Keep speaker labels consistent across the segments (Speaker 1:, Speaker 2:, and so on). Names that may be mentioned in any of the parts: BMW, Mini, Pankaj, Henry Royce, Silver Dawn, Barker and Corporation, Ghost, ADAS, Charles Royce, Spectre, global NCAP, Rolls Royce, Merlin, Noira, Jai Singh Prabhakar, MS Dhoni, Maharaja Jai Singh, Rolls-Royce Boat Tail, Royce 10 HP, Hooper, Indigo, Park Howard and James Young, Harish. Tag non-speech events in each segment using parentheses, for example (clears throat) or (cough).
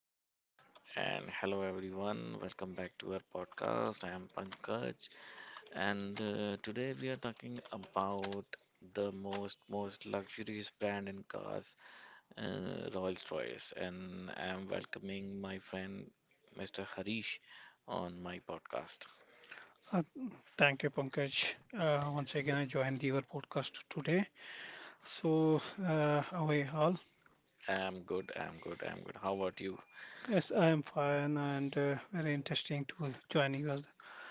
Speaker 1: back and hello everyone. Welcome back to our podcast. I am Pankaj and today we are talking about the most luxurious brand in cars, Rolls-Royce, and I am welcoming my friend Mr. Harish on my podcast.
Speaker 2: Uh, Thank you, Pankaj. Once again, I joined your podcast today. So, how are you all?
Speaker 1: I'm good. How about you?
Speaker 2: Yes, I am fine and very interesting to join your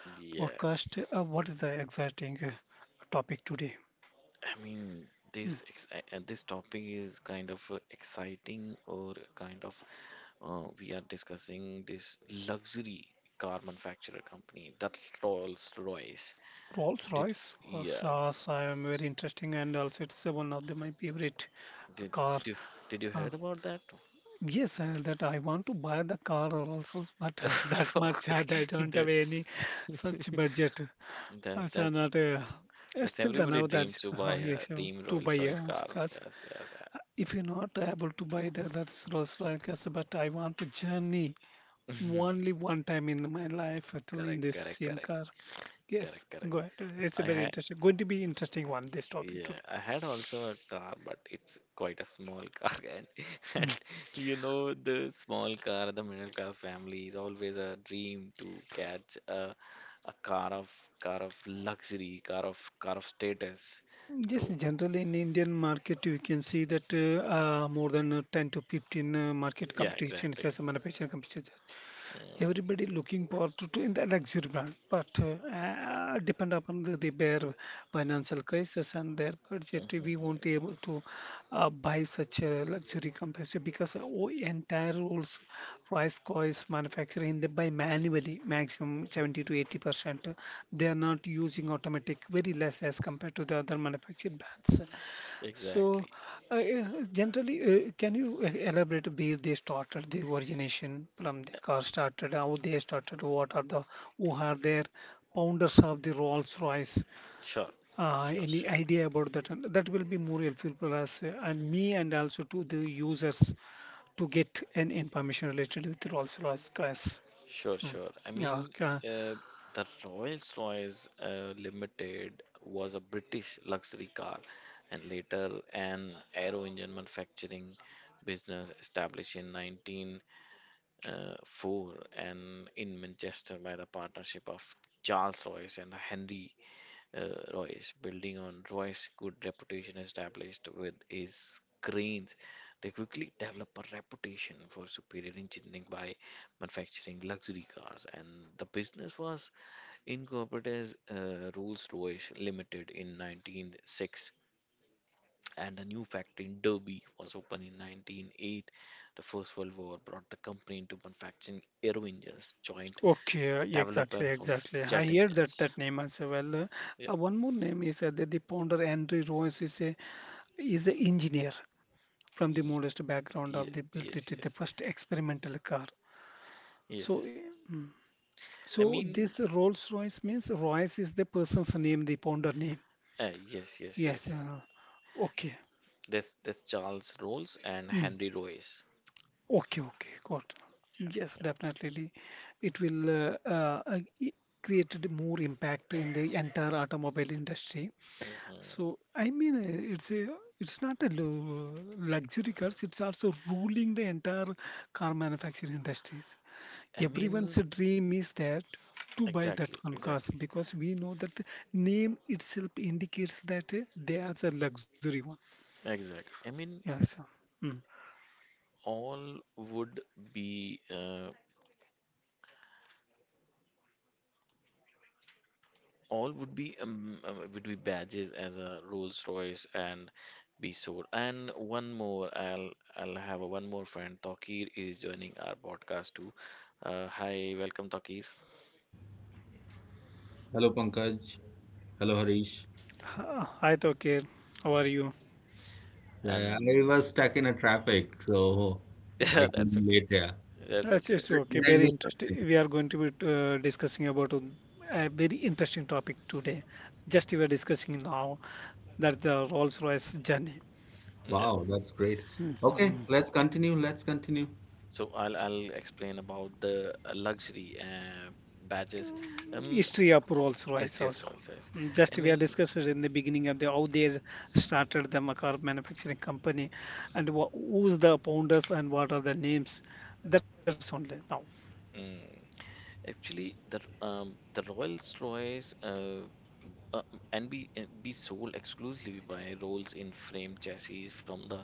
Speaker 1: Yeah,
Speaker 2: podcast. What is the exciting topic today? Mm.
Speaker 1: this topic is kind of exciting or kind of... we are discussing this luxury car manufacturer company, that Rolls-Royce.
Speaker 2: Rolls
Speaker 1: Did
Speaker 2: Royce or
Speaker 1: yeah,
Speaker 2: SaaS. I am very interesting and also it's one of my favorite
Speaker 1: did
Speaker 2: car.
Speaker 1: did you did you
Speaker 2: Uh,
Speaker 1: heard about that?
Speaker 2: yes, that I want to buy the car Rolls Royce, but (laughs) that much I
Speaker 1: (laughs)
Speaker 2: don't have
Speaker 1: That
Speaker 2: any such budget.
Speaker 1: (laughs) that
Speaker 2: It's
Speaker 1: that
Speaker 2: not
Speaker 1: that's
Speaker 2: still the
Speaker 1: everybody
Speaker 2: now
Speaker 1: dream
Speaker 2: that
Speaker 1: to buy a
Speaker 2: yes,
Speaker 1: dream
Speaker 2: to buy
Speaker 1: Rolls-Royce car.
Speaker 2: cars.
Speaker 1: Yes, yes, yeah.
Speaker 2: If you're not able to buy the that's Rolls Royce cars, but I want to journey
Speaker 1: (laughs)
Speaker 2: only one time in my life to in
Speaker 1: Correct,
Speaker 2: this
Speaker 1: correct,
Speaker 2: same
Speaker 1: correct,
Speaker 2: car. Yes,
Speaker 1: correct, correct.
Speaker 2: go ahead. It's a
Speaker 1: I
Speaker 2: very
Speaker 1: ha
Speaker 2: interesting, going to be interesting one this topic
Speaker 1: Yeah,
Speaker 2: today.
Speaker 1: I had also a car, but it's quite a small car, (laughs)
Speaker 2: Mm.
Speaker 1: and the small car, the middle class family is always a dream to catch a a car of car of luxury, car of status.
Speaker 2: Yes,
Speaker 1: So
Speaker 2: generally in Indian market, you can see that more than 10 to 15 market
Speaker 1: yeah,
Speaker 2: competitions
Speaker 1: exactly.
Speaker 2: as a manufacturing competition.
Speaker 1: Mm,
Speaker 2: Everybody looking for to in the luxury brand, but depend upon the their financial crisis and their budget,
Speaker 1: mhm, mhm.
Speaker 2: we won't be able to buy such a luxury compressor because entire rules rice coils manufacturing they buy manually, maximum 70 to 80%. They are not using automatic, very less as compared to the other manufactured brands. So,
Speaker 1: Exactly.
Speaker 2: uh, uh, generally, can you elaborate a bit? They started the origination from the
Speaker 1: Uh,
Speaker 2: car started, how they started, what are the who are their founders of the Rolls Royce?
Speaker 1: Sure, sure,
Speaker 2: Any
Speaker 1: sure.
Speaker 2: idea about that? And that will be more helpful for us and me, and also to the users to get an information related with Rolls Royce cars.
Speaker 1: Sure,
Speaker 2: Hmm.
Speaker 1: sure. I
Speaker 2: Yeah,
Speaker 1: mean,
Speaker 2: okay.
Speaker 1: uh, the Rolls-Royce Limited was a British luxury car, and later an aero engine manufacturing business established in 1904 and in Manchester by the partnership of Charles Royce and Henry, uh, Royce, building on Royce's good reputation established with his cranes. They quickly developed a reputation for superior engineering by manufacturing luxury cars, and the business was incorporated as Rolls-Royce Limited in 1906. And a new factory in Derby was opened in 1908. The First World War brought the company into manufacturing aero engines, joint
Speaker 2: Okay,
Speaker 1: developer
Speaker 2: exactly,
Speaker 1: for
Speaker 2: exactly. I
Speaker 1: jet
Speaker 2: hear that
Speaker 1: engines.
Speaker 2: that name as well.
Speaker 1: Yeah.
Speaker 2: One more name is the founder Henry Royce is a is an engineer from the
Speaker 1: Ye-
Speaker 2: modest background of
Speaker 1: Yes,
Speaker 2: the built
Speaker 1: yes,
Speaker 2: it the
Speaker 1: yes.
Speaker 2: first experimental car. So,
Speaker 1: Yes.
Speaker 2: uh,
Speaker 1: I
Speaker 2: so
Speaker 1: mean,
Speaker 2: this Rolls-Royce means Royce is the person's name, the founder name.
Speaker 1: yes, yes,
Speaker 2: Yes.
Speaker 1: yes.
Speaker 2: Okay.
Speaker 1: That's Charles Rolls and
Speaker 2: Mm.
Speaker 1: Henry Royce.
Speaker 2: Okay, okay, got. Yes,
Speaker 1: Yep.
Speaker 2: definitely. It will create more impact in the entire automobile industry. So,
Speaker 1: Hmm.
Speaker 2: I mean, it's not a luxury cars. It's also ruling the entire car manufacturing industries.
Speaker 1: I
Speaker 2: Everyone's
Speaker 1: mean,
Speaker 2: dream is that to buy that
Speaker 1: exactly,
Speaker 2: one cars
Speaker 1: exactly,
Speaker 2: because we know that the name itself indicates that they are the luxury one.
Speaker 1: exactly. I mean,
Speaker 2: Yes, sir. Mm.
Speaker 1: all would be uh, all would be badges as a Rolls Royce and be sold. And one more, I'll have a one more friend. Takir is joining our podcast too. Hi, welcome, Takir.
Speaker 3: Hello Pankaj. Hello Harish.
Speaker 2: Hi, Tokyo. How are you?
Speaker 3: Yeah,
Speaker 1: And
Speaker 3: I was stuck in a traffic, so
Speaker 1: (laughs)
Speaker 3: I
Speaker 1: yeah, that's
Speaker 3: came late
Speaker 1: okay.
Speaker 3: here.
Speaker 1: That's
Speaker 2: Yes,
Speaker 1: okay.
Speaker 2: yes,
Speaker 3: Did
Speaker 2: sure.
Speaker 3: I
Speaker 2: Okay.
Speaker 3: did I
Speaker 2: Very
Speaker 3: miss
Speaker 2: interesting.
Speaker 3: something?
Speaker 2: We are going to be discussing about a very interesting topic today. Just we are discussing now that the Rolls-Royce journey.
Speaker 1: Yeah.
Speaker 3: Wow, that's great.
Speaker 2: Mhm.
Speaker 3: Okay, let's continue. Let's continue.
Speaker 1: So I'll explain about the luxury badges. Um,
Speaker 2: History of Rolls-Royce
Speaker 1: SGF
Speaker 2: also.
Speaker 1: Royal says.
Speaker 2: Mm,
Speaker 1: I
Speaker 2: just we are
Speaker 1: mean,
Speaker 2: discussing in the beginning of the how they started the car manufacturing company and wha who's the founders and what are the names. That's only now.
Speaker 1: mm, actually, the Rolls Royce uh and be sold exclusively by Rolls in frame chassis from the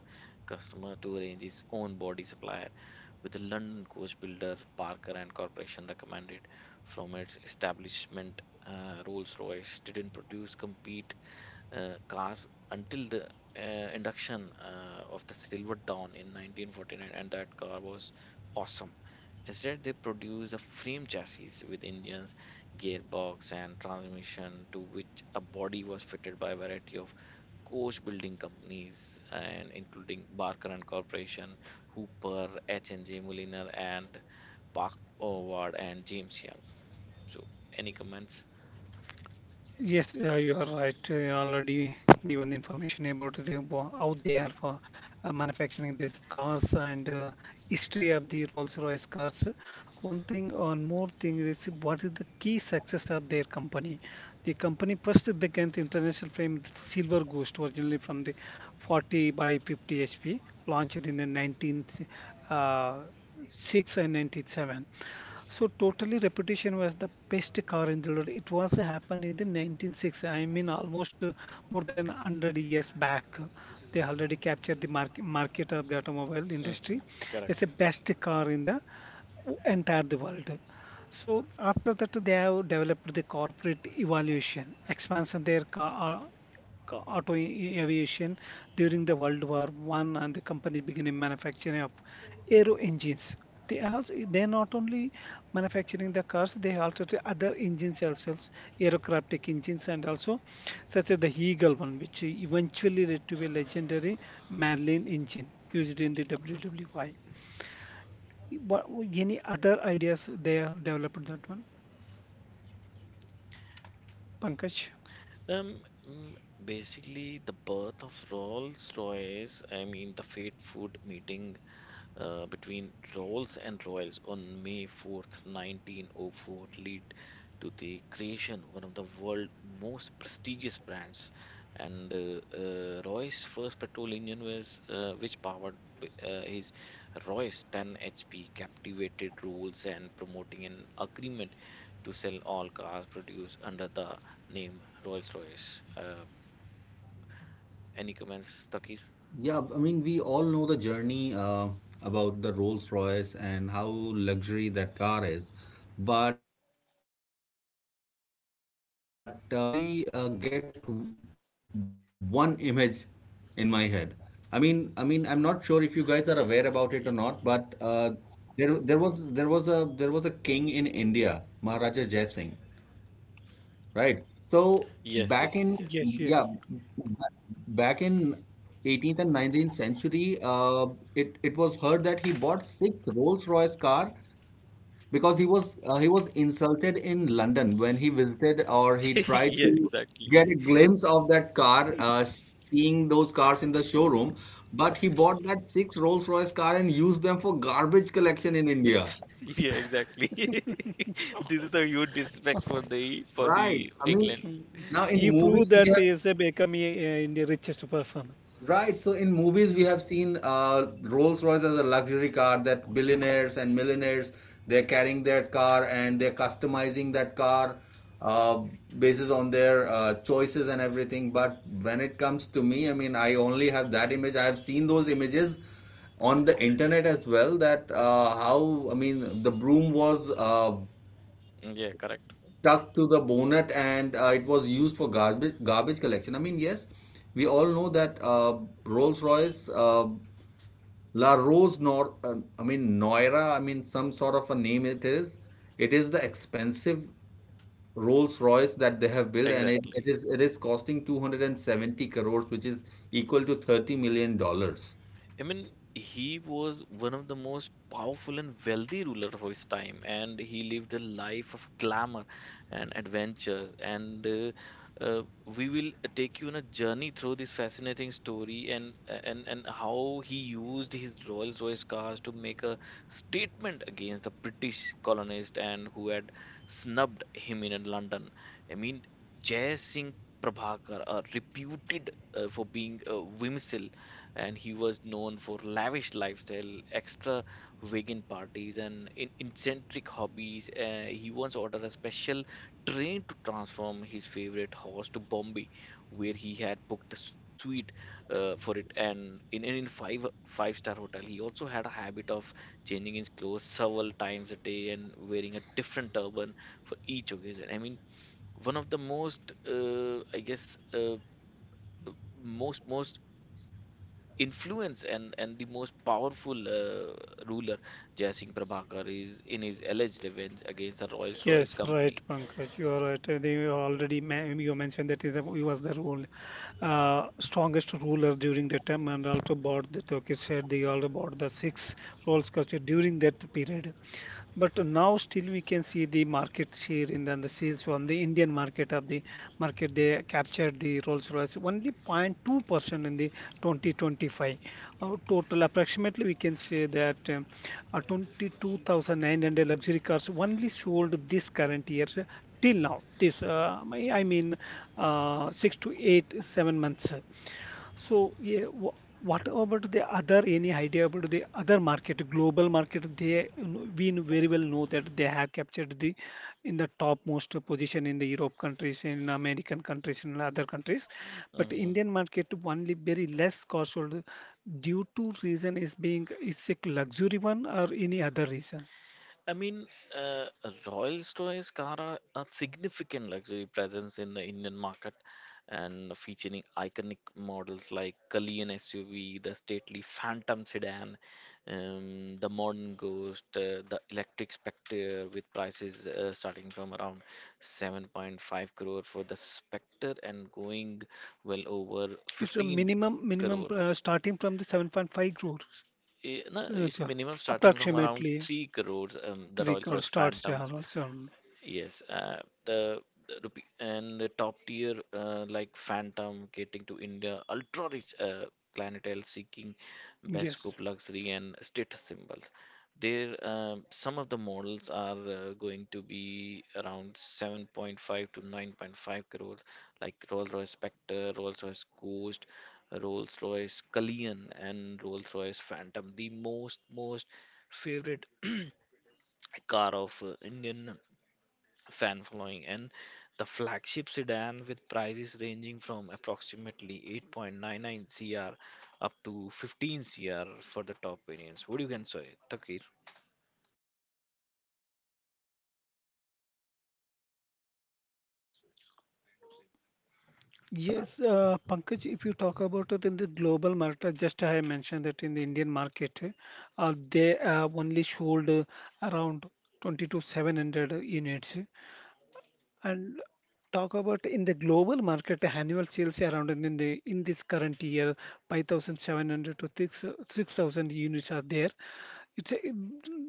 Speaker 1: customer to arrange his own body supplier, with the London coach builder Parker and Corporation recommended from its establishment. Rolls Royce didn't produce compete cars until the induction of the Silver Dawn in 1949, and that car was awesome. Instead, they produced a frame chassis with engines, gearbox, and transmission, to which a body was fitted by a variety of coach building companies, and including Barker and Corporation, Hooper, H&J Mulliner, and Park Howard and James Young. So, any comments?
Speaker 2: Yes, you are right. You already given the information about how they are for manufacturing these cars and history of the Rolls-Royce cars. One thing or more thing is what is the key success of their company? The company first they get the international fame Silver Ghost originally from the 40 by 50 HP launched in the 19th uh, 6 and 97 so totally reputation was the best car in the world. It was happened in the 1960s. I mean almost more than 100 years back. They already captured the market of the automobile industry.
Speaker 1: Hmm.
Speaker 2: It's the
Speaker 1: Correct.
Speaker 2: best car in the entire the world. So after that they have developed the corporate evaluation, expansion their car, aviation during the World War I, and the company began manufacturing of aero engines. They also they're not only manufacturing the cars, they also do other engines also, aerobatic engines and also such as the Eagle one, which eventually led to a legendary Merlin engine used in the WWY. What, any other ideas they have developed that one, Pankaj?
Speaker 1: Um, mm, basically, the birth of Rolls Royce, I mean, the fate food meeting between Rolls and Royals on May 4th, 1904 lead to the creation one of the world's most prestigious brands. And Roy's first petrol engine was which powered his Royce 10 HP captivated Rolls and promoting an agreement to sell all cars produced under the name Rolls-Royce. Any comments, Takir?
Speaker 3: We all know the journey about the Rolls-Royce and how luxury that car is. But when it comes to Rolls-Royce, I only get one image in my head. I'm not sure if you guys are
Speaker 1: Yeah.
Speaker 3: aware about it or
Speaker 1: Y-
Speaker 3: not, but there, there was a king in India, Maharaja Jai Singh. Right. So
Speaker 1: Yes,
Speaker 3: back
Speaker 1: yes, yes,
Speaker 3: in
Speaker 1: yes,
Speaker 3: yeah,
Speaker 2: Yes, yes.
Speaker 3: ba- back in 18th and 19th century, it was heard that he bought 6 Rolls-Royce car because he was insulted in London when he visited or he
Speaker 1: yes. (laughs)
Speaker 3: tried
Speaker 1: Yeah,
Speaker 3: to
Speaker 1: exactly.
Speaker 3: get a glimpse of that car, seeing those cars in the showroom. But he bought that 6 Rolls-Royce car and used them for garbage collection in India.
Speaker 1: Yeah, exactly. (laughs) This is the huge disrespect for the for
Speaker 3: Right.
Speaker 1: the
Speaker 3: I mean,
Speaker 1: England.
Speaker 3: now in
Speaker 2: He proved
Speaker 3: movies we
Speaker 2: that
Speaker 3: have
Speaker 2: he is a become the richest person.
Speaker 3: right. So in movies, we have seen Rolls Royce as a luxury car that billionaires and millionaires, they're carrying that car and they're customizing that car uh, basis on their choices and everything. But when it comes to me, I mean, I only have that image. I have seen those images on the internet as well. That how I mean, the broom was
Speaker 1: Yeah, correct.
Speaker 3: stuck to the bonnet and it was used for garbage collection. I mean, yes, we all know that Rolls-Royce La Rose Nor I mean Noira, I mean some sort of a name it is. It is the expensive Rolls-Royce that they have built, and
Speaker 1: Exactly.
Speaker 3: it is costing 270 crores, which is equal to 30 million dollars.
Speaker 1: I mean, he was one of the most powerful and wealthy ruler of his time, and he lived a life of glamour and adventures. And uh, we will take you on a journey through this fascinating story and and how he used his Rolls Royce cars to make a statement against the British colonist and who had snubbed him in London. I mean, Jai Singh Prabhakar are reputed for being whimsical, and he was known for lavish lifestyle, extra vegan parties, and in eccentric hobbies. He once ordered a special train to transform his favorite horse to Bombay, where he had booked a suite for it, and in five five star hotel. He also had a habit of changing his clothes several times a day and wearing a different turban for each occasion. I mean one of the most I guess most influence and the most powerful ruler Jai Singh Prabhakar is in his alleged revenge against the Rolls Royce
Speaker 2: Yes, right,
Speaker 1: company.
Speaker 2: Pankaj. You are right. They were already you mentioned that is he was the strongest ruler during the time, and also bought the Turkish. They also bought the six rolls culture during that period. But now still we can see the market share in then the sales from the Indian market of the market they captured the Rolls-Royce only 0.2% in the 2025. Our total approximately we can say that 22,900 luxury cars only sold this current year till now. This I mean 6 to 8 7 months. So, yeah, what about the other, any idea about the other market, global market? They, very well know that they have captured the in the topmost position in the Europe countries, in American countries, in other countries. But
Speaker 1: Hmm.
Speaker 2: Indian market only very less cost sold due to reason is being is a luxury one or any other reason.
Speaker 1: I mean, uh, Royal Stores Cara a significant luxury presence in the Indian market and featuring iconic models like Kalyan SUV, the stately Phantom sedan, the modern Ghost, the electric Spectre with prices starting from around 7.5 crore for the Spectre and going well over
Speaker 2: It's a
Speaker 1: 15
Speaker 2: minimum
Speaker 1: crore.
Speaker 2: starting from the 7.5 crores,
Speaker 1: Eh, no, it's
Speaker 2: sir.
Speaker 1: minimum starting from around
Speaker 2: Approximately
Speaker 1: 3 crores. The
Speaker 2: 3
Speaker 1: Rolls
Speaker 2: crores
Speaker 1: Royce
Speaker 2: starts there
Speaker 1: Phantom...
Speaker 2: also.
Speaker 1: Yes, the, the rupee and the top tier like Phantom getting to India, ultra rich clientele seeking best scope
Speaker 2: Yes.
Speaker 1: luxury and status symbols. There, some of the models are going to be around 7.5 to 9.5 crores, like Rolls-Royce Spectre, Rolls-Royce Ghost, Rolls-Royce Cullinan, and Rolls-Royce Phantom. The most favorite (clears throat) car of Indian fan following and the flagship sedan with prices ranging from approximately 8.99 cr up to 15 cr for the top variants. What do you can say, Takir?
Speaker 2: Yes, Pankaj, if you talk about it in the global market, just I mentioned that in the Indian market, they have only sold around 20 to 700 units. And talk about in the global market, annual sales around in the in this current year, 5,700 to 6, 6,000 units are there. It's a,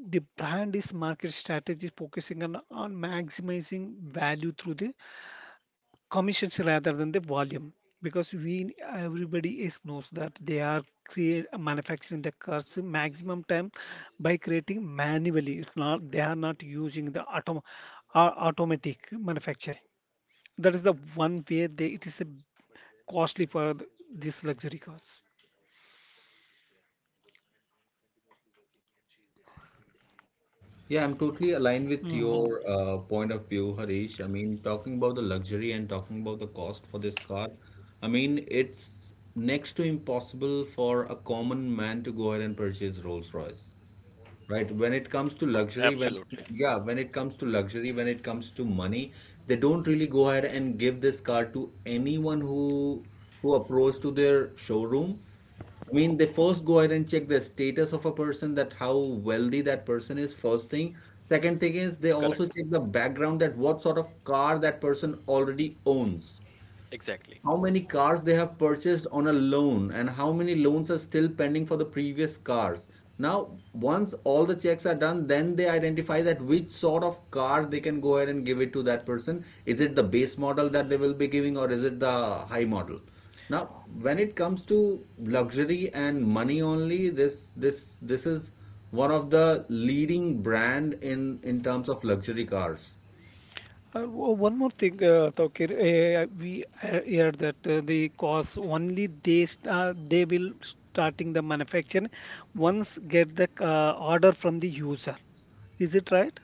Speaker 2: the brand is market strategy focusing on maximizing value through the commissions rather than the volume because we everybody is knows that they are create manufacturing the cars maximum time by creating manually it's not they are not using the automatic manufacturing that is the one way they it is a costly for these luxury
Speaker 3: Yeah, I'm totally aligned with
Speaker 2: cars.
Speaker 3: your point of view, Harish. I mean, talking about the luxury and talking about the cost for this car, I mean, it's next to impossible for a common man to go ahead and purchase Rolls-Royce. Right. When it comes to luxury, when
Speaker 1: Absolutely.
Speaker 3: yeah, when it comes to luxury, when it comes to money, they don't really go ahead and give this car to anyone who approach to their showroom. I mean, they first go ahead and check the status of a person, that how wealthy that person is, first thing. Second thing is they also
Speaker 1: Correct.
Speaker 3: check the background that what sort of car that person already owns,
Speaker 1: Exactly.
Speaker 3: how many cars they have purchased on a loan and how many loans are still pending for the previous cars. Now once all the checks are done, then they identify that which sort of car they can go ahead and give it to that person. Is it the base model that they will be giving or is it the high model? Now when it comes to luxury and money only, this is one of the leading brand in terms of luxury cars.
Speaker 2: One more thing, Tawkir, we heard that the cost only they will starting the manufacturing once get the order from the user. Is it right?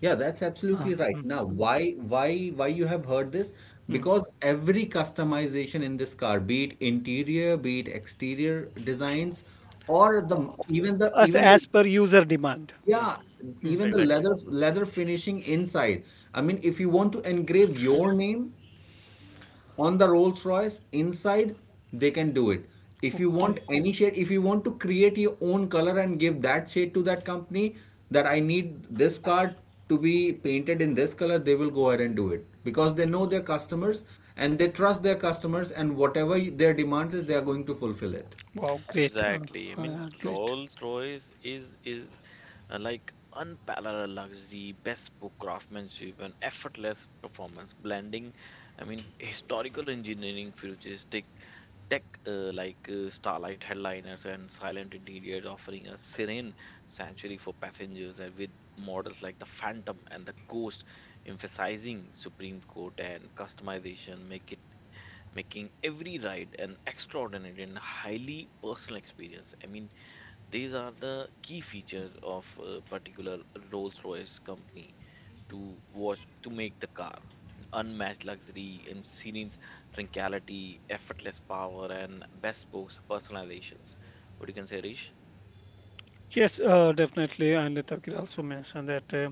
Speaker 3: Yeah, that's absolutely right.
Speaker 2: Mm,
Speaker 3: Now,
Speaker 2: mm,
Speaker 3: why you have heard this?
Speaker 2: mm.
Speaker 3: Because every customization in this car, be it interior, be it exterior designs, or
Speaker 2: Uh,
Speaker 3: the even the
Speaker 2: As
Speaker 3: even the
Speaker 2: as per user demand.
Speaker 3: yeah,
Speaker 1: Mhm.
Speaker 2: Mm.
Speaker 3: even the
Speaker 1: Exactly.
Speaker 3: leather finishing inside. I mean, if you want to engrave your name on the Rolls Royce inside, they can do it. If you want
Speaker 2: Okay.
Speaker 3: any shade, if you want to create your own color and give that shade to that company, that I need this car to be painted in this color, they will go ahead and do it because they know their customers and they trust their customers, and whatever their demand is, they are going to fulfill it.
Speaker 2: Wow, great.
Speaker 1: Exactly. I mean,
Speaker 2: Great.
Speaker 1: Rolls-Royce is is uh, like unparalleled luxury, bespoke craftsmanship, and effortless performance, blending, I mean, historical engineering, futuristic tech like starlight headliners and silent interiors, offering a serene sanctuary for passengers, and with models like the Phantom and the Ghost, emphasizing Supreme Court and customization, make it making every ride an extraordinary and highly personal experience. I mean, these are the key features of a particular Rolls-Royce company to watch to make the car unmatched luxury and serene tranquility, effortless power, and bespoke personalizations. What you can say, Rish?
Speaker 2: Yes, definitely. And Tawkir also mentioned that uh,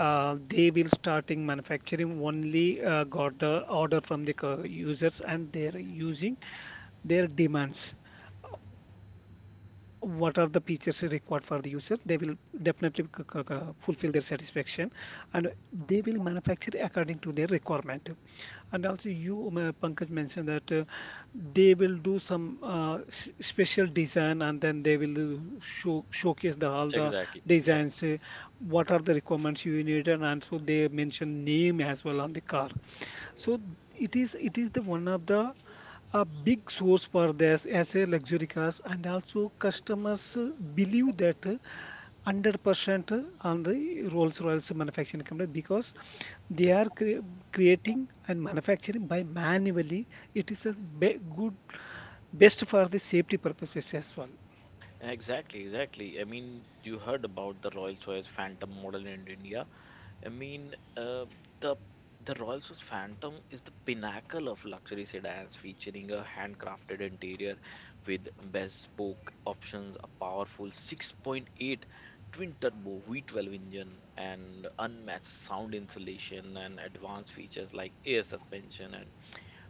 Speaker 2: uh, they will starting manufacturing only got the order from the users and they're using their demands. What are the features required for the user? They will definitely fulfill their satisfaction and they will manufacture according to their requirement. And also, you, Pankaj, mentioned that they will do some special design and then they will do showcase the all the
Speaker 1: Exactly, exactly.
Speaker 2: designs. What are the requirements you need? And also, they mention name as well on the car so it is the one of the a big source for this as a luxury cars and also customers believe that 100% on the Rolls-Royce manufacturing company because they are creating and manufacturing by manually it is a be good best for the safety purposes as well.
Speaker 1: Exactly, exactly. I mean, you heard about the Rolls Royce Phantom model in India. I mean, the the Rolls Royce Phantom is the pinnacle of luxury sedans, featuring a handcrafted interior with bespoke options, a powerful 6.8 twin-turbo V12 engine, and unmatched sound insulation and advanced features like air suspension and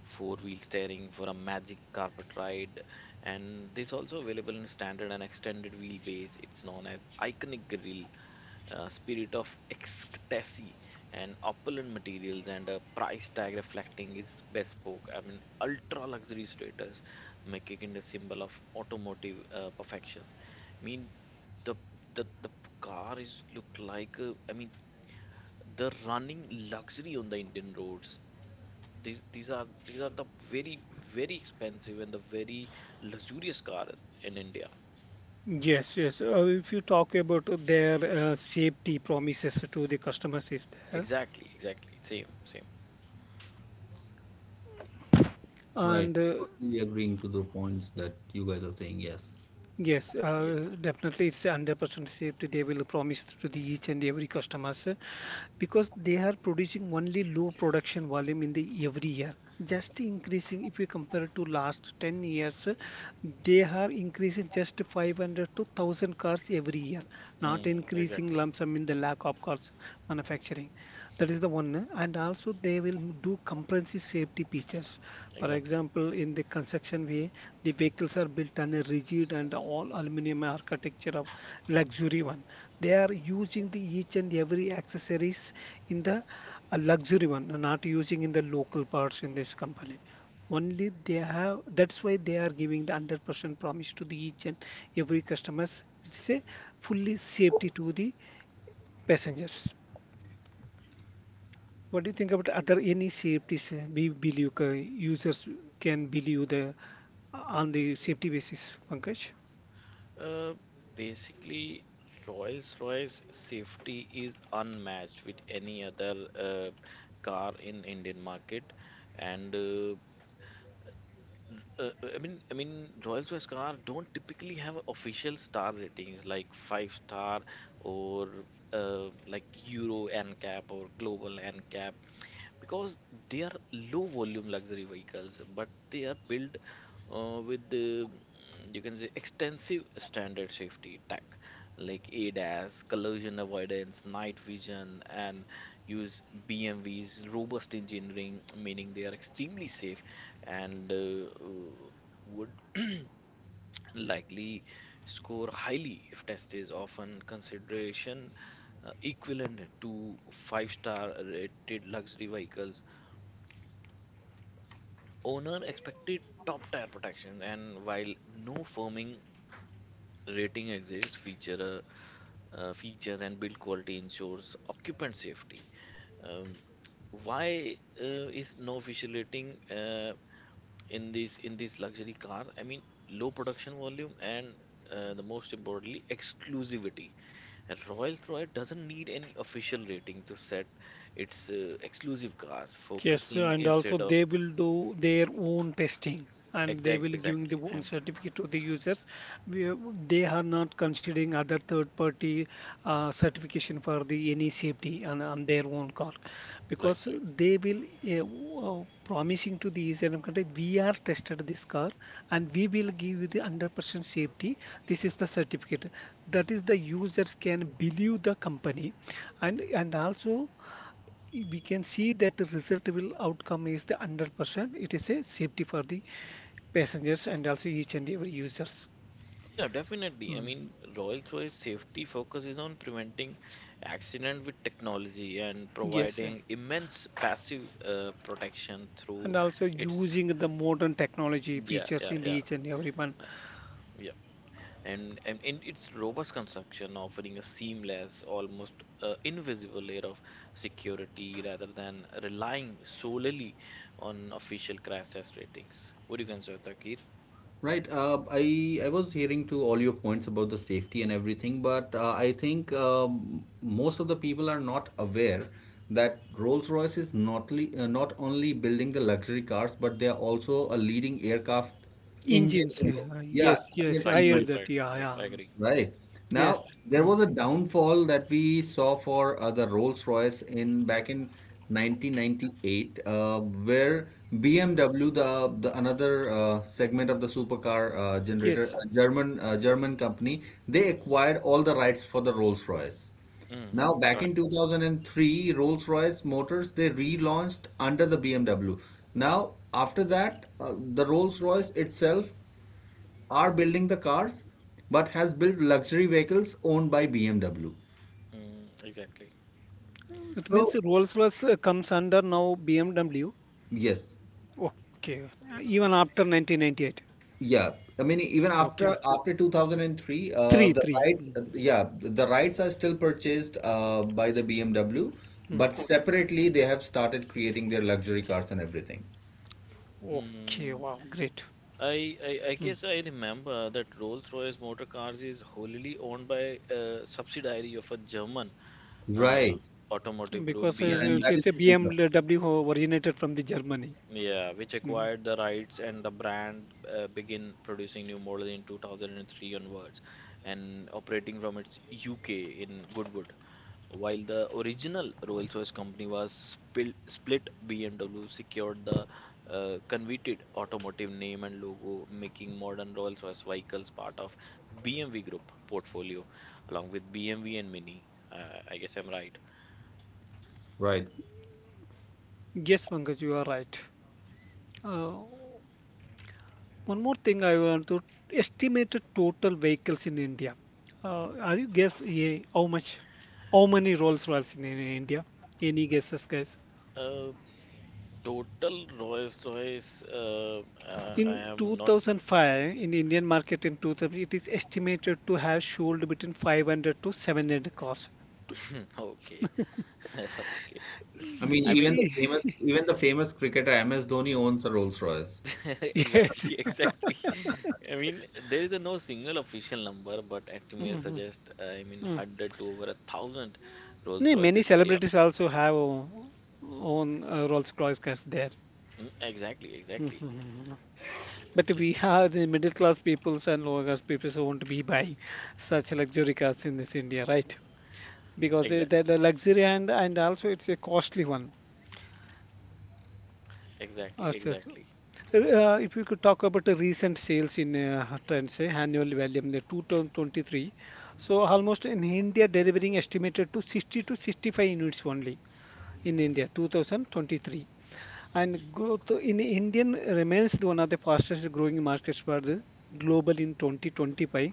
Speaker 1: four-wheel steering for a magic carpet ride, and this also available in standard and extended wheelbase. It's known as Iconic Grill, Spirit of Ecstasy, and opulent materials and a price tag reflecting its bespoke, I mean, ultra luxury status, making it a symbol of automotive perfection. I mean, the the car is look like I mean the running luxury on the Indian roads. These are the very very expensive and the very luxurious car in India.
Speaker 2: Yes, yes. If you talk about their safety promises to the customers is there,
Speaker 1: Exactly, exactly. Same, same.
Speaker 3: Right.
Speaker 2: and
Speaker 3: Totally agreeing to the points that you guys are saying, yes.
Speaker 2: yes,
Speaker 1: Yes.
Speaker 2: definitely it's 100% safety they will promise to the each and every customers because they are producing only low production volume in the every year. Just increasing if you compare to last 10 years, they are increasing just 500 to 1,000 cars every year, not
Speaker 1: Mm,
Speaker 2: increasing
Speaker 1: exactly,
Speaker 2: lump sum in the lack of cars manufacturing. That is the one, and also they will do comprehensive safety features. For
Speaker 1: exactly.
Speaker 2: example, in the construction way, the vehicles are built on a rigid and all aluminium architecture of luxury one. They are using the each and every accessories in the luxury one, not using in the local parts in this company. Only they have, that's why they are giving the 100% promise to the each and every customers. It's a fully safety to the passengers. What do you think about other any safeties we believe users can believe the on the safety basis, Pankaj?
Speaker 1: Uh, basically, Rolls-Royce safety is unmatched with any other car in Indian market, and Royal Choice car don't typically have official star ratings like five star or like Euro NCAP or global NCAP because they are low volume luxury vehicles, but they are built with the you can say extensive standard safety tech like ADAS, collision avoidance, night vision, and use BMW's robust engineering, meaning they are extremely safe and would (clears throat) likely score highly if test is often consideration equivalent to five star rated luxury vehicles. Owner expected top tier protection, and while no firming rating exists, features and build quality ensures occupant safety. Um, why is no official rating in this luxury car? I mean, low production volume and the most importantly, exclusivity. Rolls-Royce doesn't need any official rating to set its exclusive cars,
Speaker 2: Yes,
Speaker 1: focusing
Speaker 2: and also
Speaker 1: instead of...
Speaker 2: they will do their own testing and they will giving
Speaker 1: exactly.
Speaker 2: the
Speaker 1: I'm
Speaker 2: own certificate to the users. We, are- they are not considering other third party certification for the any safety on their own car
Speaker 1: right,
Speaker 2: because
Speaker 1: right.
Speaker 2: they will promising to the user and country we are tested this car and we will give you the 100% safety. This is the certificate. That is the users can believe the company and also we can see that the result will outcome is the 100%. It is a safety for the passengers and also each and every users.
Speaker 1: Yeah, definitely. I
Speaker 2: Mm.
Speaker 1: mean, Rolls-Royce safety focuses on preventing accident with technology and
Speaker 2: Yes, sir.
Speaker 1: providing immense passive protection through
Speaker 2: And also
Speaker 1: its...
Speaker 2: using the modern technology
Speaker 1: yeah,
Speaker 2: features in the each and every one
Speaker 1: yeah. And in its robust construction, offering a seamless, almost invisible layer of security rather than relying solely on official crash test ratings. What do you consider, Takir?
Speaker 3: Right. I was hearing to all your points about the safety and everything, but I think most of the people are not aware that Rolls-Royce is not le not only building the luxury cars, but they are also a leading aircraft engine.
Speaker 2: engines.
Speaker 3: Yeah,
Speaker 2: Yes,
Speaker 1: Yeah,
Speaker 2: yes,
Speaker 3: engine
Speaker 1: right,
Speaker 2: I
Speaker 1: right,
Speaker 2: heard
Speaker 3: innovator.
Speaker 2: that.
Speaker 1: right,
Speaker 2: Yeah,
Speaker 1: right. I
Speaker 2: yeah.
Speaker 1: agree.
Speaker 3: Right. Now,
Speaker 2: Yes,
Speaker 3: there
Speaker 2: mm.
Speaker 3: was a downfall that we saw for the Rolls-Royce in back in 1998, where BMW, the another segment of the supercar generator,
Speaker 2: Yes.
Speaker 3: a German company, they acquired all the rights for the Rolls-Royce.
Speaker 1: Mm,
Speaker 3: Now, back
Speaker 1: right.
Speaker 3: in 2003, Rolls-Royce Motors, they relaunched under the BMW. Now, after that, the Rolls-Royce itself are building the cars but has built luxury vehicles owned by BMW.
Speaker 1: Mm, exactly.
Speaker 2: It means
Speaker 3: So,
Speaker 2: Rolls-Royce comes under now BMW.
Speaker 3: yes,
Speaker 2: Okay. Even after 1998.
Speaker 3: yeah. I mean, even
Speaker 2: Okay,
Speaker 3: after after 2003,
Speaker 2: three, three. Mm.
Speaker 3: yeah, the rights are still purchased by the BMW, but
Speaker 2: Mm.
Speaker 3: separately they have started creating their luxury cars and everything.
Speaker 2: Okay,
Speaker 1: Mm,
Speaker 2: wow, great.
Speaker 1: I
Speaker 2: Hmm.
Speaker 1: guess I remember that Rolls-Royce motor cars is wholly owned by a subsidiary of a German uh,
Speaker 3: Right.
Speaker 1: automotive group
Speaker 2: Because
Speaker 3: Yeah,
Speaker 2: it's,
Speaker 3: and
Speaker 2: it's
Speaker 3: that
Speaker 1: BMW.
Speaker 2: it's
Speaker 3: is
Speaker 2: a
Speaker 3: BMW.
Speaker 2: BMW who originated from the Germany.
Speaker 1: Yeah, which
Speaker 2: Mm.
Speaker 1: acquired the rights and the brand began producing new models in 2003 onwards and operating from its UK in Goodwood. While the original Rolls-Royce company was split, BMW secured the coveted automotive name and logo, making modern Rolls-Royce vehicles part of BMW Group portfolio, along with BMW and Mini. I guess I'm right.
Speaker 3: Right.
Speaker 2: Yes, Pankaj, you are right. Uh, one more thing I want to estimated total vehicles in India. Are you guess, yeah, how much, how many Rolls Royce in India? Any guesses, guys?
Speaker 1: Uh, total Rolls-Royce. I
Speaker 2: In
Speaker 1: am not...
Speaker 2: 2005, in Indian market in 2000, it is estimated to have sold between 500 to 700 cars.
Speaker 1: (laughs) okay. (laughs) Okay.
Speaker 3: I mean,
Speaker 1: I
Speaker 2: It,
Speaker 1: mean,
Speaker 3: even the
Speaker 2: I-
Speaker 3: famous even the famous cricketer MS Dhoni owns a Rolls Royce.
Speaker 2: (laughs)
Speaker 1: (laughs)
Speaker 2: yes.
Speaker 1: exactly,
Speaker 2: (laughs)
Speaker 1: exactly. I mean, there is a no single official number, but it may
Speaker 2: Mhm.
Speaker 1: suggest, I mean,
Speaker 2: Mm.
Speaker 1: 100 to over a thousand
Speaker 2: No,
Speaker 1: Rolls-Royce
Speaker 2: many
Speaker 1: in India.
Speaker 2: celebrities also have o- own Rolls-Royce cars there.
Speaker 1: Mm, exactly, exactly.
Speaker 2: Mhm. But we are the middle class peoples and lower class peoples who won't be buy such luxury cars in this India, right? Because it- the
Speaker 1: Exactly,
Speaker 2: the luxury and also it's a costly one.
Speaker 1: exactly,
Speaker 2: Also, it's-
Speaker 1: exactly.
Speaker 2: if you could talk about the recent sales in trends, say annual value in the 2023, so almost in India delivering estimated to 60 to 65 units only in India 2023. And growth in Indian remains the one of the fastest growing markets for the global in 2025.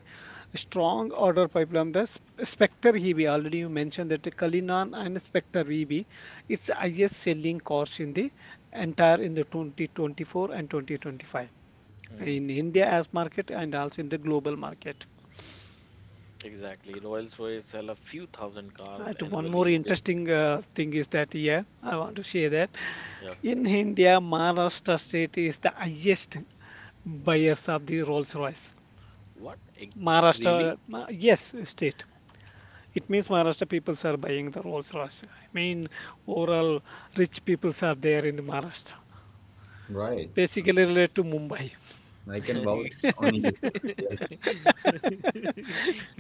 Speaker 2: Strong order pipeline. The Sp- Spectre EV, already you mentioned that the Kalinan and Spectre EV, it's highest selling cars in the entire in the 2024 and 2025
Speaker 1: Mm,
Speaker 2: in India as market and also in the global market.
Speaker 1: exactly. Rolls-Royce sell a few thousand cars
Speaker 2: And one more
Speaker 1: annually with...
Speaker 2: interesting thing is that, yeah, I want to share that
Speaker 1: yeah,
Speaker 2: in India, Maharashtra state is the highest buyers of the Rolls Royce.
Speaker 1: what? Really?
Speaker 2: Maharashtra, Ma- yes, state. It means Maharashtra peoples are buying the Rolls Royce. I mean, overall, rich peoples are there in Maharashtra.
Speaker 3: Right.
Speaker 2: Basically related to Mumbai.
Speaker 1: (laughs)
Speaker 3: I can vouch on you for that. Yes.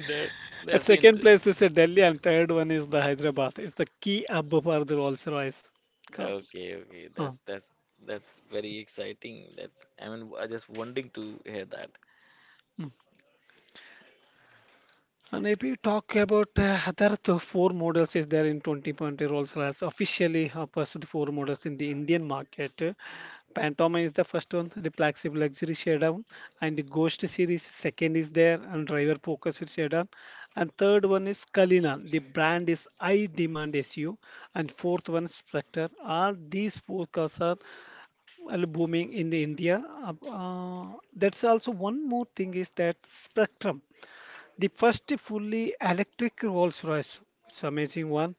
Speaker 1: That
Speaker 2: At
Speaker 1: that's the
Speaker 2: second place is Delhi, and third one is the Hyderabad. It's the key hub for the Rolls Royce cars.
Speaker 1: okay, okay.
Speaker 2: Ah,
Speaker 1: That's very exciting. That's I mean I just wanting to hear that.
Speaker 2: hmm. And if you talk about other th- four models is there in 2020, Rolls-Royce officially pursued four models in the Indian market. Phantom is the first one, the flexible luxury sedan, and the Ghost series second is there, and driver focused sedan, and third one is Kalina. The brand is high demand SU, and fourth one is Spectre. All these four cars are, well, booming in the India. That's also one more thing is that Spectrum. The first fully electric Rolls-Royce. It's amazing one.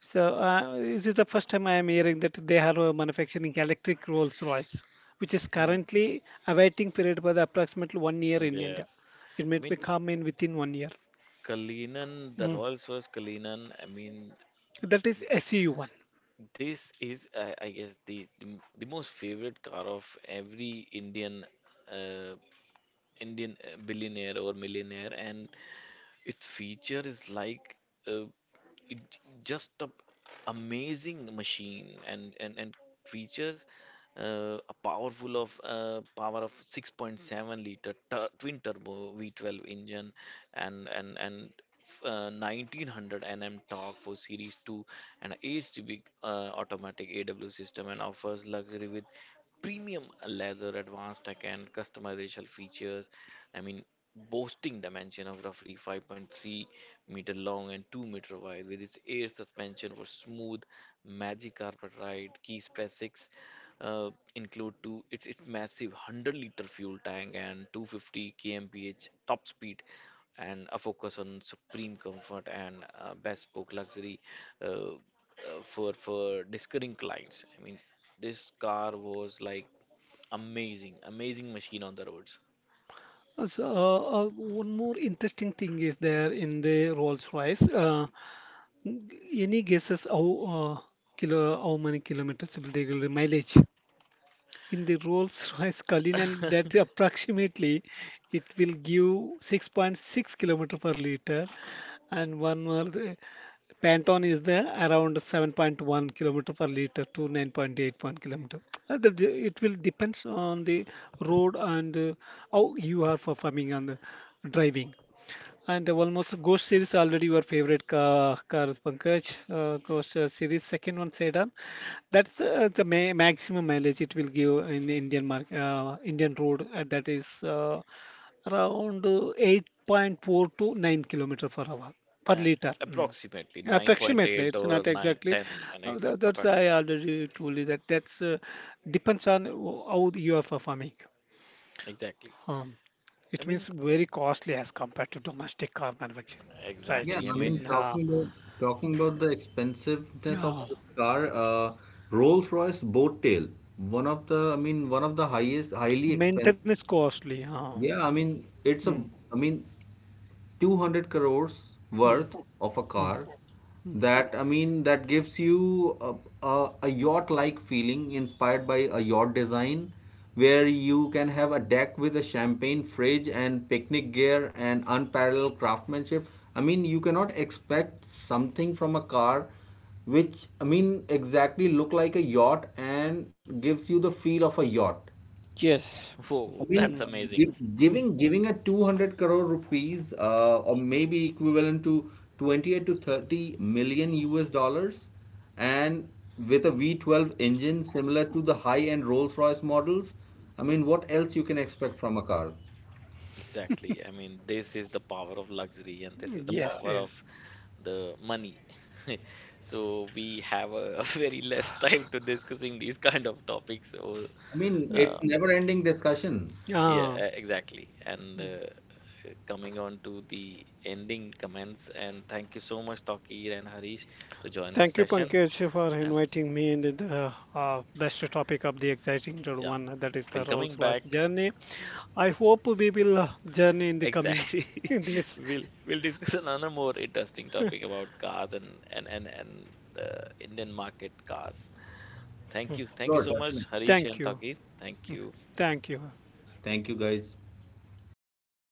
Speaker 2: So this is the first time I am hearing that they are manufacturing electric Rolls-Royce, which is
Speaker 1: Mm.
Speaker 2: currently awaiting period by the approximately 1 year in India.
Speaker 1: Yes.
Speaker 2: It
Speaker 1: I
Speaker 2: might
Speaker 1: mean,
Speaker 2: be come in within 1 year.
Speaker 1: Kalinan, the
Speaker 2: Mm.
Speaker 1: Rolls Royce Kalinan, I mean,
Speaker 2: That is SEU one.
Speaker 1: this is, I guess, the most favorite car of every Indian uh, Indian billionaire or millionaire, and its feature is like uh, it, just a amazing machine and, and features a powerful of power of 6.7-liter tur twin turbo V12 engine and 1900 nm torque for series 2 and 8 cubic automatic aw system and offers luxury with premium leather advanced tech and customization features. I mean, boasting dimension of roughly 5.3-meter long and 2-meter wide with its air suspension for smooth magic carpet ride keys press 6, uh, include two it's massive 100-liter fuel tank and 250 kmph top speed and a focus on supreme comfort and bespoke luxury uh, uh, for discerning clients. I mean this car was like amazing machine on the roads.
Speaker 2: One more interesting thing is there in the Rolls-Royce. Any guesses how kilo how many kilometers will they give the mileage in the Rolls-Royce Cullinan? That
Speaker 1: (laughs)
Speaker 2: approximately it will give 6.6 kilometer per liter, and one more, the Pantone is there around 7.1 kilometer per liter to 9.81 kilometer. It will depends on the road and how you are performing on the driving. And almost Ghost series already your favorite car, car Pankaj. Ghost series second one sedan. That's the ma maximum mileage it will give in the Indian market, Indian road. That is around 8.4 to 9 kilometer per hour per
Speaker 1: Uh,
Speaker 2: liter. Mm.
Speaker 1: approximately
Speaker 2: Approximately,
Speaker 1: 9.8
Speaker 2: it's
Speaker 1: or
Speaker 2: not
Speaker 1: 9
Speaker 2: exactly.
Speaker 1: 10 and
Speaker 2: That, that's I already told you that that's depends on how you are performing.
Speaker 1: exactly.
Speaker 2: Um,
Speaker 1: I
Speaker 2: it
Speaker 1: mean
Speaker 2: means very costly as compared to domestic car manufacturing, right?
Speaker 3: Yeah,
Speaker 1: exactly. I
Speaker 3: I mean,
Speaker 2: Mm,
Speaker 1: mean
Speaker 2: yeah,
Speaker 3: talking about the expensiveness of
Speaker 2: yeah.
Speaker 3: this car, Rolls-Royce Boat Tail, one of the highest, highly expensive.
Speaker 2: Maintenance costly. Huh?
Speaker 3: Yeah, I mean, it's a,
Speaker 2: Mm,
Speaker 3: I mean, 200 crores
Speaker 2: mm,
Speaker 3: worth of a
Speaker 2: mm,
Speaker 3: car
Speaker 2: mm.
Speaker 3: that I mean, that gives you a yacht like feeling, inspired by a yacht design where you can have a deck with a champagne fridge and picnic gear and unparalleled craftsmanship. I mean, you cannot expect something from a car which I mean exactly look like a yacht and gives you the feel of a yacht.
Speaker 2: Yes.
Speaker 1: whoa,
Speaker 3: I mean,
Speaker 1: that's
Speaker 2: Mm, mm,
Speaker 3: gi-
Speaker 1: amazing.
Speaker 2: mm.
Speaker 3: giving giving a 200 crore rupees, or maybe equivalent to 28 to 30 million US dollars, and with a V12 engine similar to the high-end Rolls-Royce models, I mean, what else you can expect from a car?
Speaker 1: Exactly. I mean, this is the power of luxury and this is the
Speaker 2: Yes,
Speaker 3: Yeah,
Speaker 1: power of
Speaker 2: yes.
Speaker 1: the money. (laughs) So we have a, (laughs) very less time to discussing these kind of topics. So,
Speaker 3: I mean,
Speaker 2: Mm.
Speaker 1: uh,
Speaker 3: it's never-ending discussion.
Speaker 1: yeah,
Speaker 2: Ah,
Speaker 1: exactly. And
Speaker 2: mm.
Speaker 1: coming on to the ending comments, and thank you so much, Takir and Harish, to join this
Speaker 2: Thank you,
Speaker 1: session.
Speaker 2: Pankaj, for
Speaker 1: And
Speaker 2: inviting me in the best topic of the exciting
Speaker 1: yeah,
Speaker 2: one, that is the
Speaker 1: we'll coming
Speaker 2: Rolls-Royce
Speaker 1: back.
Speaker 2: journey. I hope we will journey in the coming
Speaker 1: Exactly.
Speaker 2: (laughs)
Speaker 1: (laughs)
Speaker 2: days.
Speaker 1: We'll discuss another more interesting topic about cars and and the Indian market cars. Thank you. Thank you
Speaker 3: Sure,
Speaker 1: so
Speaker 3: definitely.
Speaker 1: much, Harish
Speaker 2: Thank
Speaker 1: and
Speaker 2: you.
Speaker 1: Taki. Thank you.
Speaker 2: Thank you.
Speaker 3: Thank you, guys.